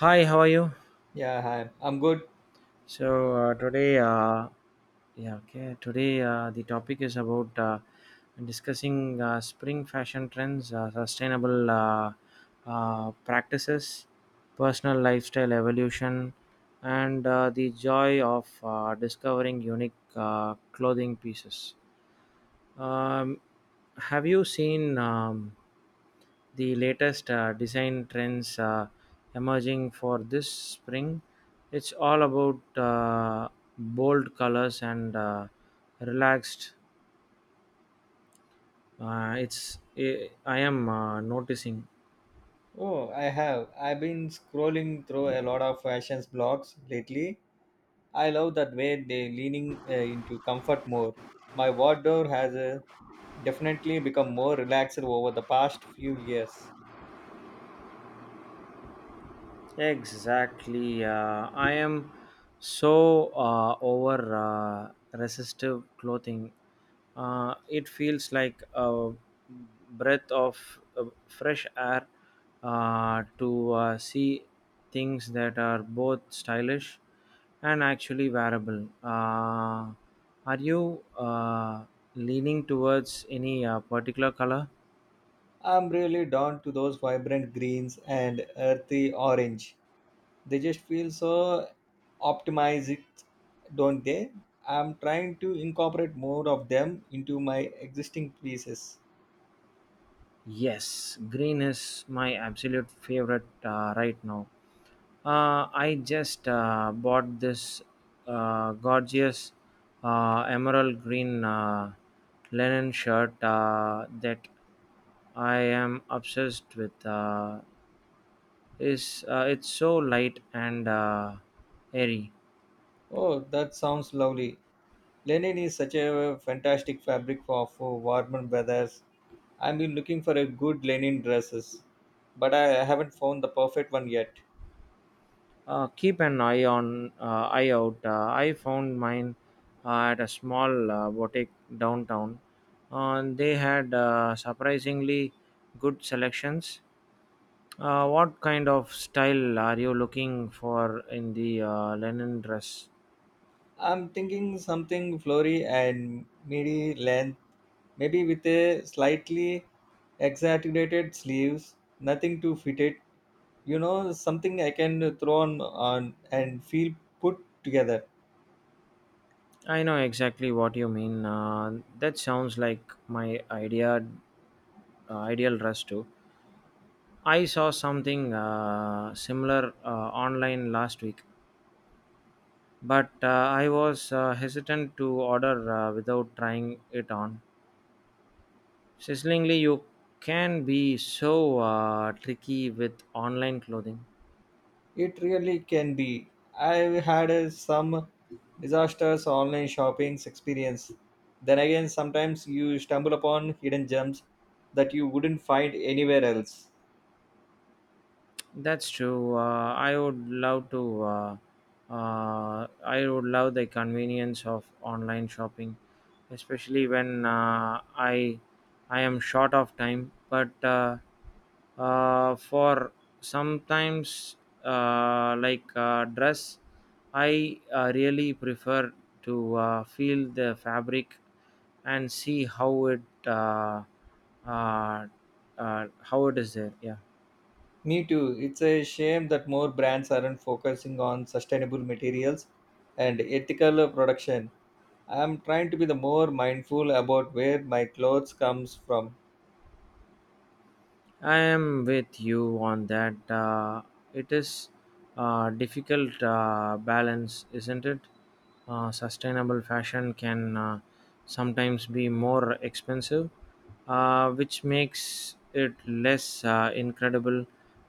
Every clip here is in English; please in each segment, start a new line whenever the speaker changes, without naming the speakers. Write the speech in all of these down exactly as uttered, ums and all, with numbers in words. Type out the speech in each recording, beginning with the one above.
Hi, how are you?
Yeah, hi. I'm good.
So uh, today, uh, yeah, okay. Today uh, the topic is about uh, discussing uh, spring fashion trends, uh, sustainable uh, uh, practices, personal lifestyle evolution, and uh, the joy of uh, discovering unique uh, clothing pieces. Um, have you seen? Um, The latest uh, design trends uh, emerging for this spring. It's all about uh, bold colors and uh, relaxed. Uh, it's I I am uh, noticing.
Oh, I have. I've been scrolling through a lot of fashion blogs lately. I love that way they leaning uh, into comfort more. My wardrobe has uh, definitely become more relaxed over the past few years.
Exactly. Uh, I am so uh, over uh, resistive clothing. Uh, it feels like a breath of uh, fresh air uh, to uh, see things that are both stylish and actually wearable. Uh, are you uh, leaning towards any uh, particular color?
I'm really drawn to those vibrant greens and earthy orange. They just feel so optimized, don't they? I'm trying to incorporate more of them into my existing pieces.
Yes, green is my absolute favorite uh, right now. Uh, I just uh, bought this uh, gorgeous uh, emerald green uh, linen shirt uh, that I am obsessed with. Uh, is uh, It's so light and uh, airy.
Oh, that sounds lovely. Linen is such a fantastic fabric for, for warmer weathers. I've been looking for a good linen dresses, but I haven't found the perfect one yet.
Uh, keep an eye on uh, eye out. Uh, I found mine uh, at a small uh, boutique downtown. Uh, they had uh, surprisingly good selections. Uh, what kind of style are you looking for in the uh, linen dress?
I'm thinking something flowy and midi length, maybe with a slightly exaggerated sleeves, nothing too fitted. You know, something I can throw on, on and feel put together.
I know exactly what you mean. Uh, that sounds like my idea, uh, ideal dress too. I saw something uh, similar uh, online last week, but uh, I was uh, hesitant to order uh, without trying it on. Sizzlingly, you can be so uh, tricky with online clothing.
It really can be. I've had uh, some disastrous online shopping experience. Then again, sometimes you stumble upon hidden gems that you wouldn't find anywhere else.
That's true. Uh, I would love to. Uh, uh, I would love the convenience of online shopping, especially when uh, I I am short of time. But uh, uh, for sometimes uh, like uh, dress, I uh, really prefer to uh, feel the fabric and see how it uh, uh, uh, how it is there. Yeah.
Me too. It's a shame that more brands aren't focusing on sustainable materials and ethical production. I'm trying to be the more mindful about where my clothes comes from.
I am with you on that. Uh, it is a difficult uh, balance, isn't it? Uh, sustainable fashion can uh, sometimes be more expensive, uh, which makes it less uh, incredible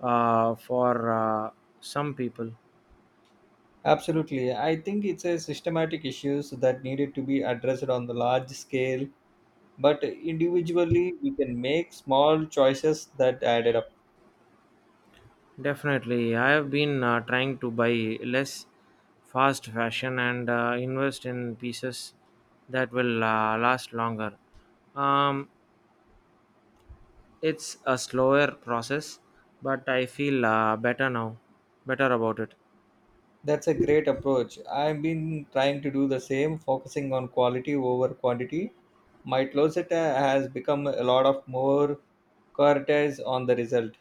uh, for uh, some people.
Absolutely. I think it's a systematic issues that needed to be addressed on the large scale but individually we can make small choices that added up.
Definitely, I have been uh, trying to buy less fast fashion and uh, invest in pieces that will uh, last longer. Um, It's a slower process, but I feel uh, better now, better about it.
That's a great approach. I've been trying to do the same, focusing on quality over quantity. My closet uh, has become a lot of more prioritized on the result.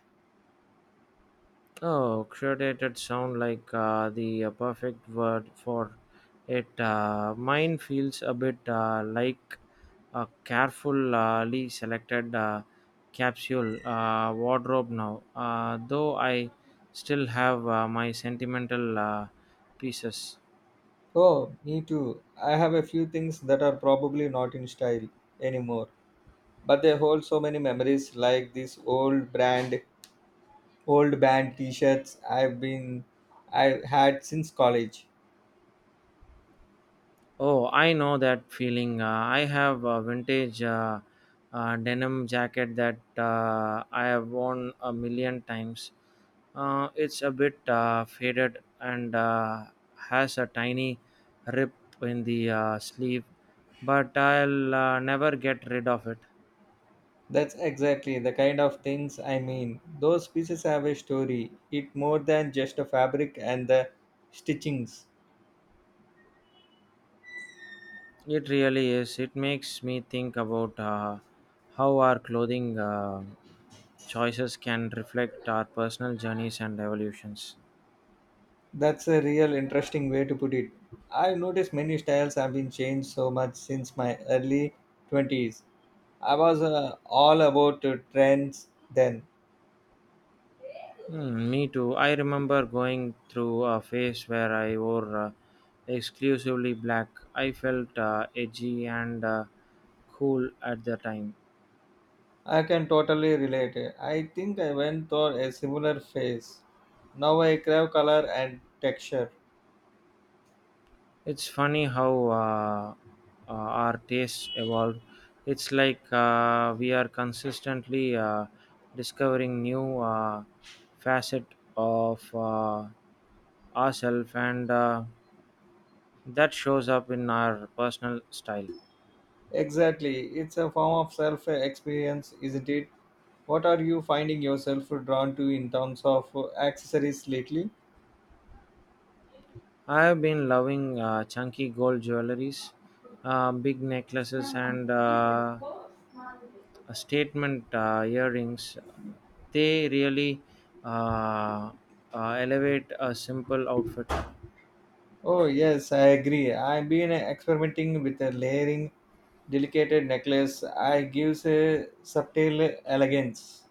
Oh, curated sound like uh, the uh, perfect word for it. Uh, mine feels a bit uh, like a carefully selected uh, capsule uh, wardrobe now, uh, though I still have uh, my sentimental uh, pieces.
Oh, me too. I have a few things that are probably not in style anymore, but they hold so many memories, like these old brand old band t-shirts i've been I've had since college.
Oh, I know that feeling. Uh, I have a vintage uh, uh, denim jacket that uh, I have worn a million times. Uh, it's a bit uh, faded and uh, has a tiny rip in the uh, sleeve, but I'll uh, never get rid of it.
That's exactly the kind of things I mean. Those pieces have a story. It more than just a fabric and the stitchings.
It really is. It makes me think about uh, how our clothing uh, choices can reflect our personal journeys and evolutions.
That's a real interesting way to put it. I've noticed many styles have been changed so much since my early twenties. I was uh, all about uh, trends then.
Hmm, me too. I remember going through a phase where I wore uh, exclusively black. I felt uh, edgy and uh, cool at the time.
I can totally relate. I think I went through a similar phase. Now I crave color and texture.
It's funny how uh, uh, our tastes evolve. It's like uh, we are consistently uh, discovering new uh, facet of uh, ourselves, and uh, that shows up in our personal style.
Exactly. It's a form of self experience, isn't it? What are you finding yourself drawn to in terms of accessories lately?
I have been loving uh, chunky gold jewelries, uh, big necklaces, and uh, statement uh, earrings. They really uh, uh, elevate a simple outfit.
Oh, yes, I agree. I've been experimenting with a layering, delicate necklace. I gives a subtle elegance.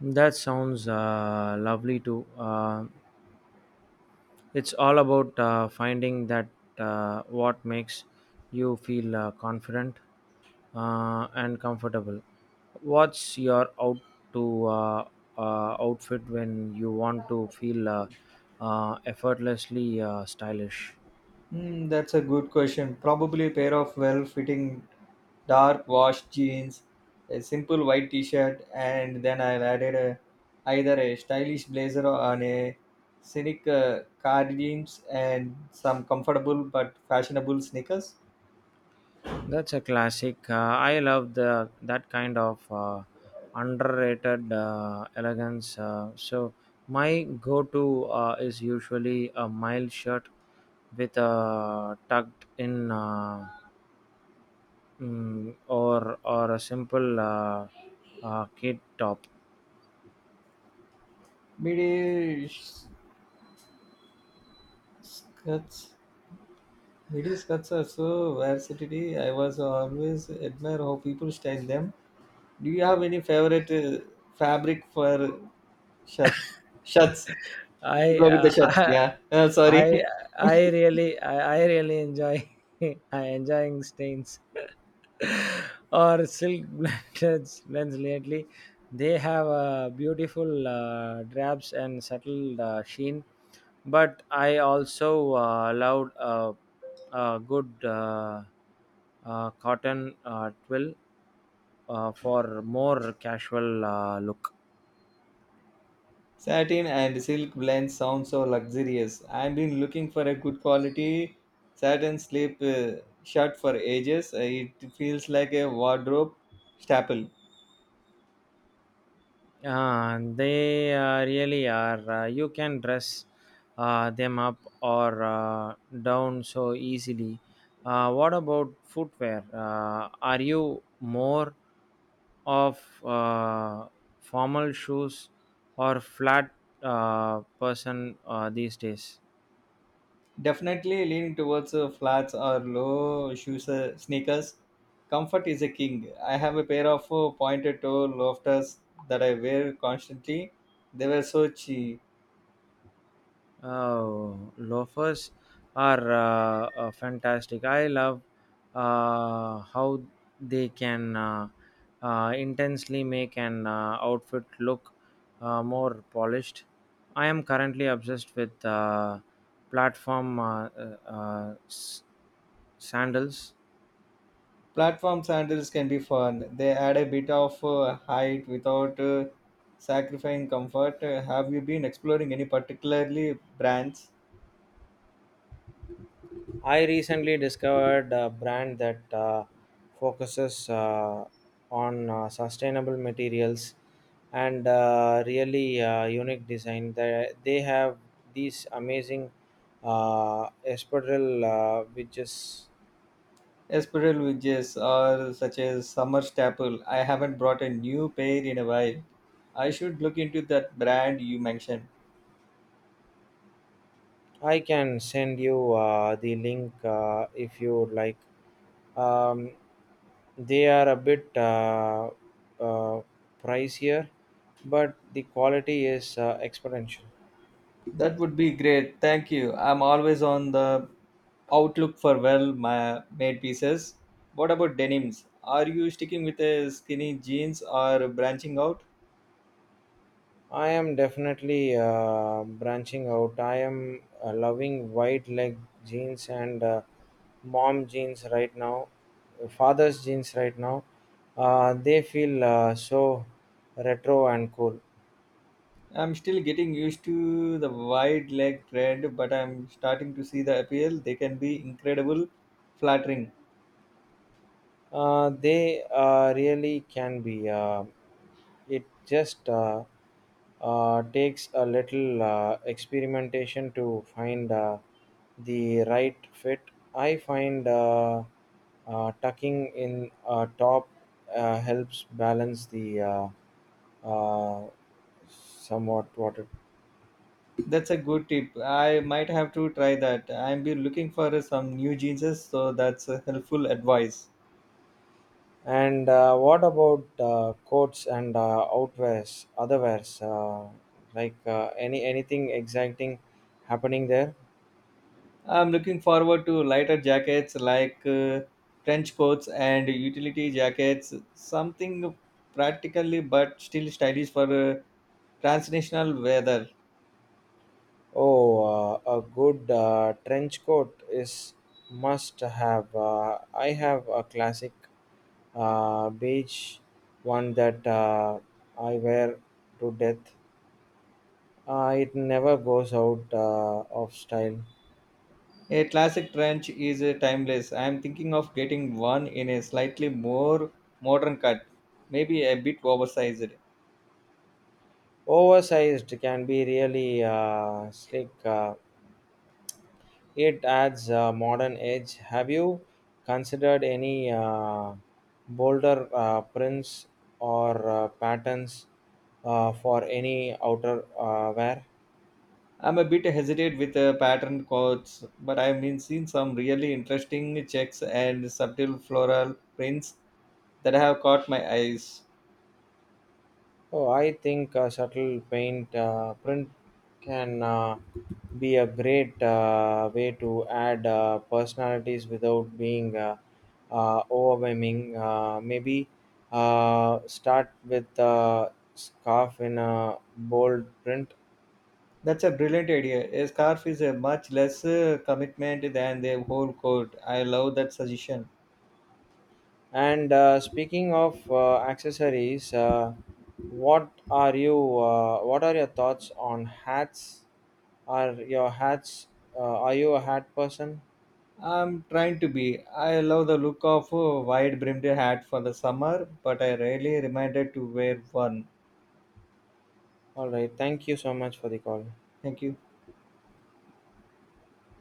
That sounds uh, lovely too. Uh, It's all about uh, finding that uh, what makes you feel uh, confident uh, and comfortable. What's your out to uh, uh, outfit when you want to feel uh, uh, effortlessly uh, stylish?
Hmm, that's a good question. Probably a pair of well fitting dark washed jeans, a simple white t shirt, and then I'll added a, either a stylish blazer or a scenic uh, cardigans and some comfortable but fashionable sneakers.
That's a classic. Uh, I love the that kind of uh, underrated uh, elegance. Uh, so my go-to uh, is usually a mild shirt with a tucked in uh, mm, or or a simple uh, uh, kid top.
Midi sh- skirts. Midi skirts are so versatility. I was always admire how people style them. Do you have any favorite uh, fabric for shirts? Shirts. You
I
go with the
uh,
shirts.
I
Yeah. Uh, sorry.
I I really I, I really enjoy I enjoying stains or silk blends blends lately. They have uh, beautiful uh, drapes and subtle uh, sheen, but I also uh, loved uh, a good uh, uh, cotton uh, twill uh, for more casual uh, look.
Satin and silk blend sound so luxurious. I've been looking for a good quality satin sleep uh, shirt for ages. Uh, It feels like a wardrobe staple.
Uh, they uh, really are. Uh, you can dress uh, them up or uh, down so easily. Uh, what about footwear? Uh, are you more of uh, formal shoes or flat uh, person uh, these days?
Definitely leaning towards uh, flats or low shoes, uh, sneakers. Comfort is a king. I have a pair of uh, pointed toe loafers that I wear constantly. They were so cheap.
Oh, loafers are uh, uh, fantastic. I love uh, how they can uh, uh, intensely make an uh, outfit look uh, more polished. I am currently obsessed with uh, platform uh, uh, uh, s- sandals.
Platform sandals can be fun. They add a bit of uh, height without uh, sacrificing comfort. Uh, have you been exploring any particularly brands?
I recently discovered a brand that uh, focuses uh, on uh, sustainable materials and uh, really uh, unique design. They, they have these amazing uh, espadrille, uh, which is
Spiral wedges or such as summer staple. I haven't brought a new pair in a while. I should look into that brand you mentioned.
I can send you uh, the link uh, if you would like. Um, they are a bit uh, uh, pricier, but the quality is uh, exponential.
That would be great. Thank you. I'm always on the outlook for well ma- made pieces. What about denims? Are you sticking with a skinny jeans or branching out?
I am definitely uh, branching out. I am uh, loving wide leg jeans and uh, mom jeans right now, father's jeans right now. Uh, they feel uh, so retro and cool.
I'm still getting used to the wide leg trend, but I'm starting to see the appeal. They can be incredible, flattering.
Uh, they uh, really can be. Uh, it just uh, uh, takes a little uh, experimentation to find uh, the right fit. I find uh, uh, tucking in a top uh, helps balance the uh, uh, somewhat water.
That's a good tip. I might have to try that. I'm be looking for some new jeans, so that's a helpful advice.
And uh, what about uh, coats and uh, outwears, otherwears? Uh, like uh, any anything exciting happening there?
I'm looking forward to lighter jackets like uh, trench coats and utility jackets, something practically but still stylish for uh, transnational weather.
Oh, uh, a good uh, trench coat is must have. Uh, I have a classic uh, beige one that uh, I wear to death. Uh, it never goes out uh, of style.
A classic trench is uh, timeless. I am thinking of getting one in a slightly more modern cut, maybe a bit oversized.
Oversized can be really uh, slick. Uh, It adds a modern edge. Have you considered any uh, bolder uh, prints or uh, patterns uh, for any outer uh, wear?
I'm a bit hesitant with uh, pattern coats, but I have been seeing some really interesting checks and subtle floral prints that have caught my eyes.
Oh, I think a subtle paint uh, print can uh, be a great uh, way to add uh, personalities without being uh, uh, overwhelming. Uh, maybe uh, start with a scarf in a bold print.
That's a brilliant idea. A scarf is a much less uh, commitment than the whole coat. I love that suggestion.
And uh, speaking of uh, accessories, uh, what are you? Uh, what are your thoughts on hats? Are your hats? Uh, are you a hat person?
I'm trying to be. I love the look of a wide brimmed hat for the summer, but I rarely reminded to wear one.
All right. Thank you so much for the call.
Thank you.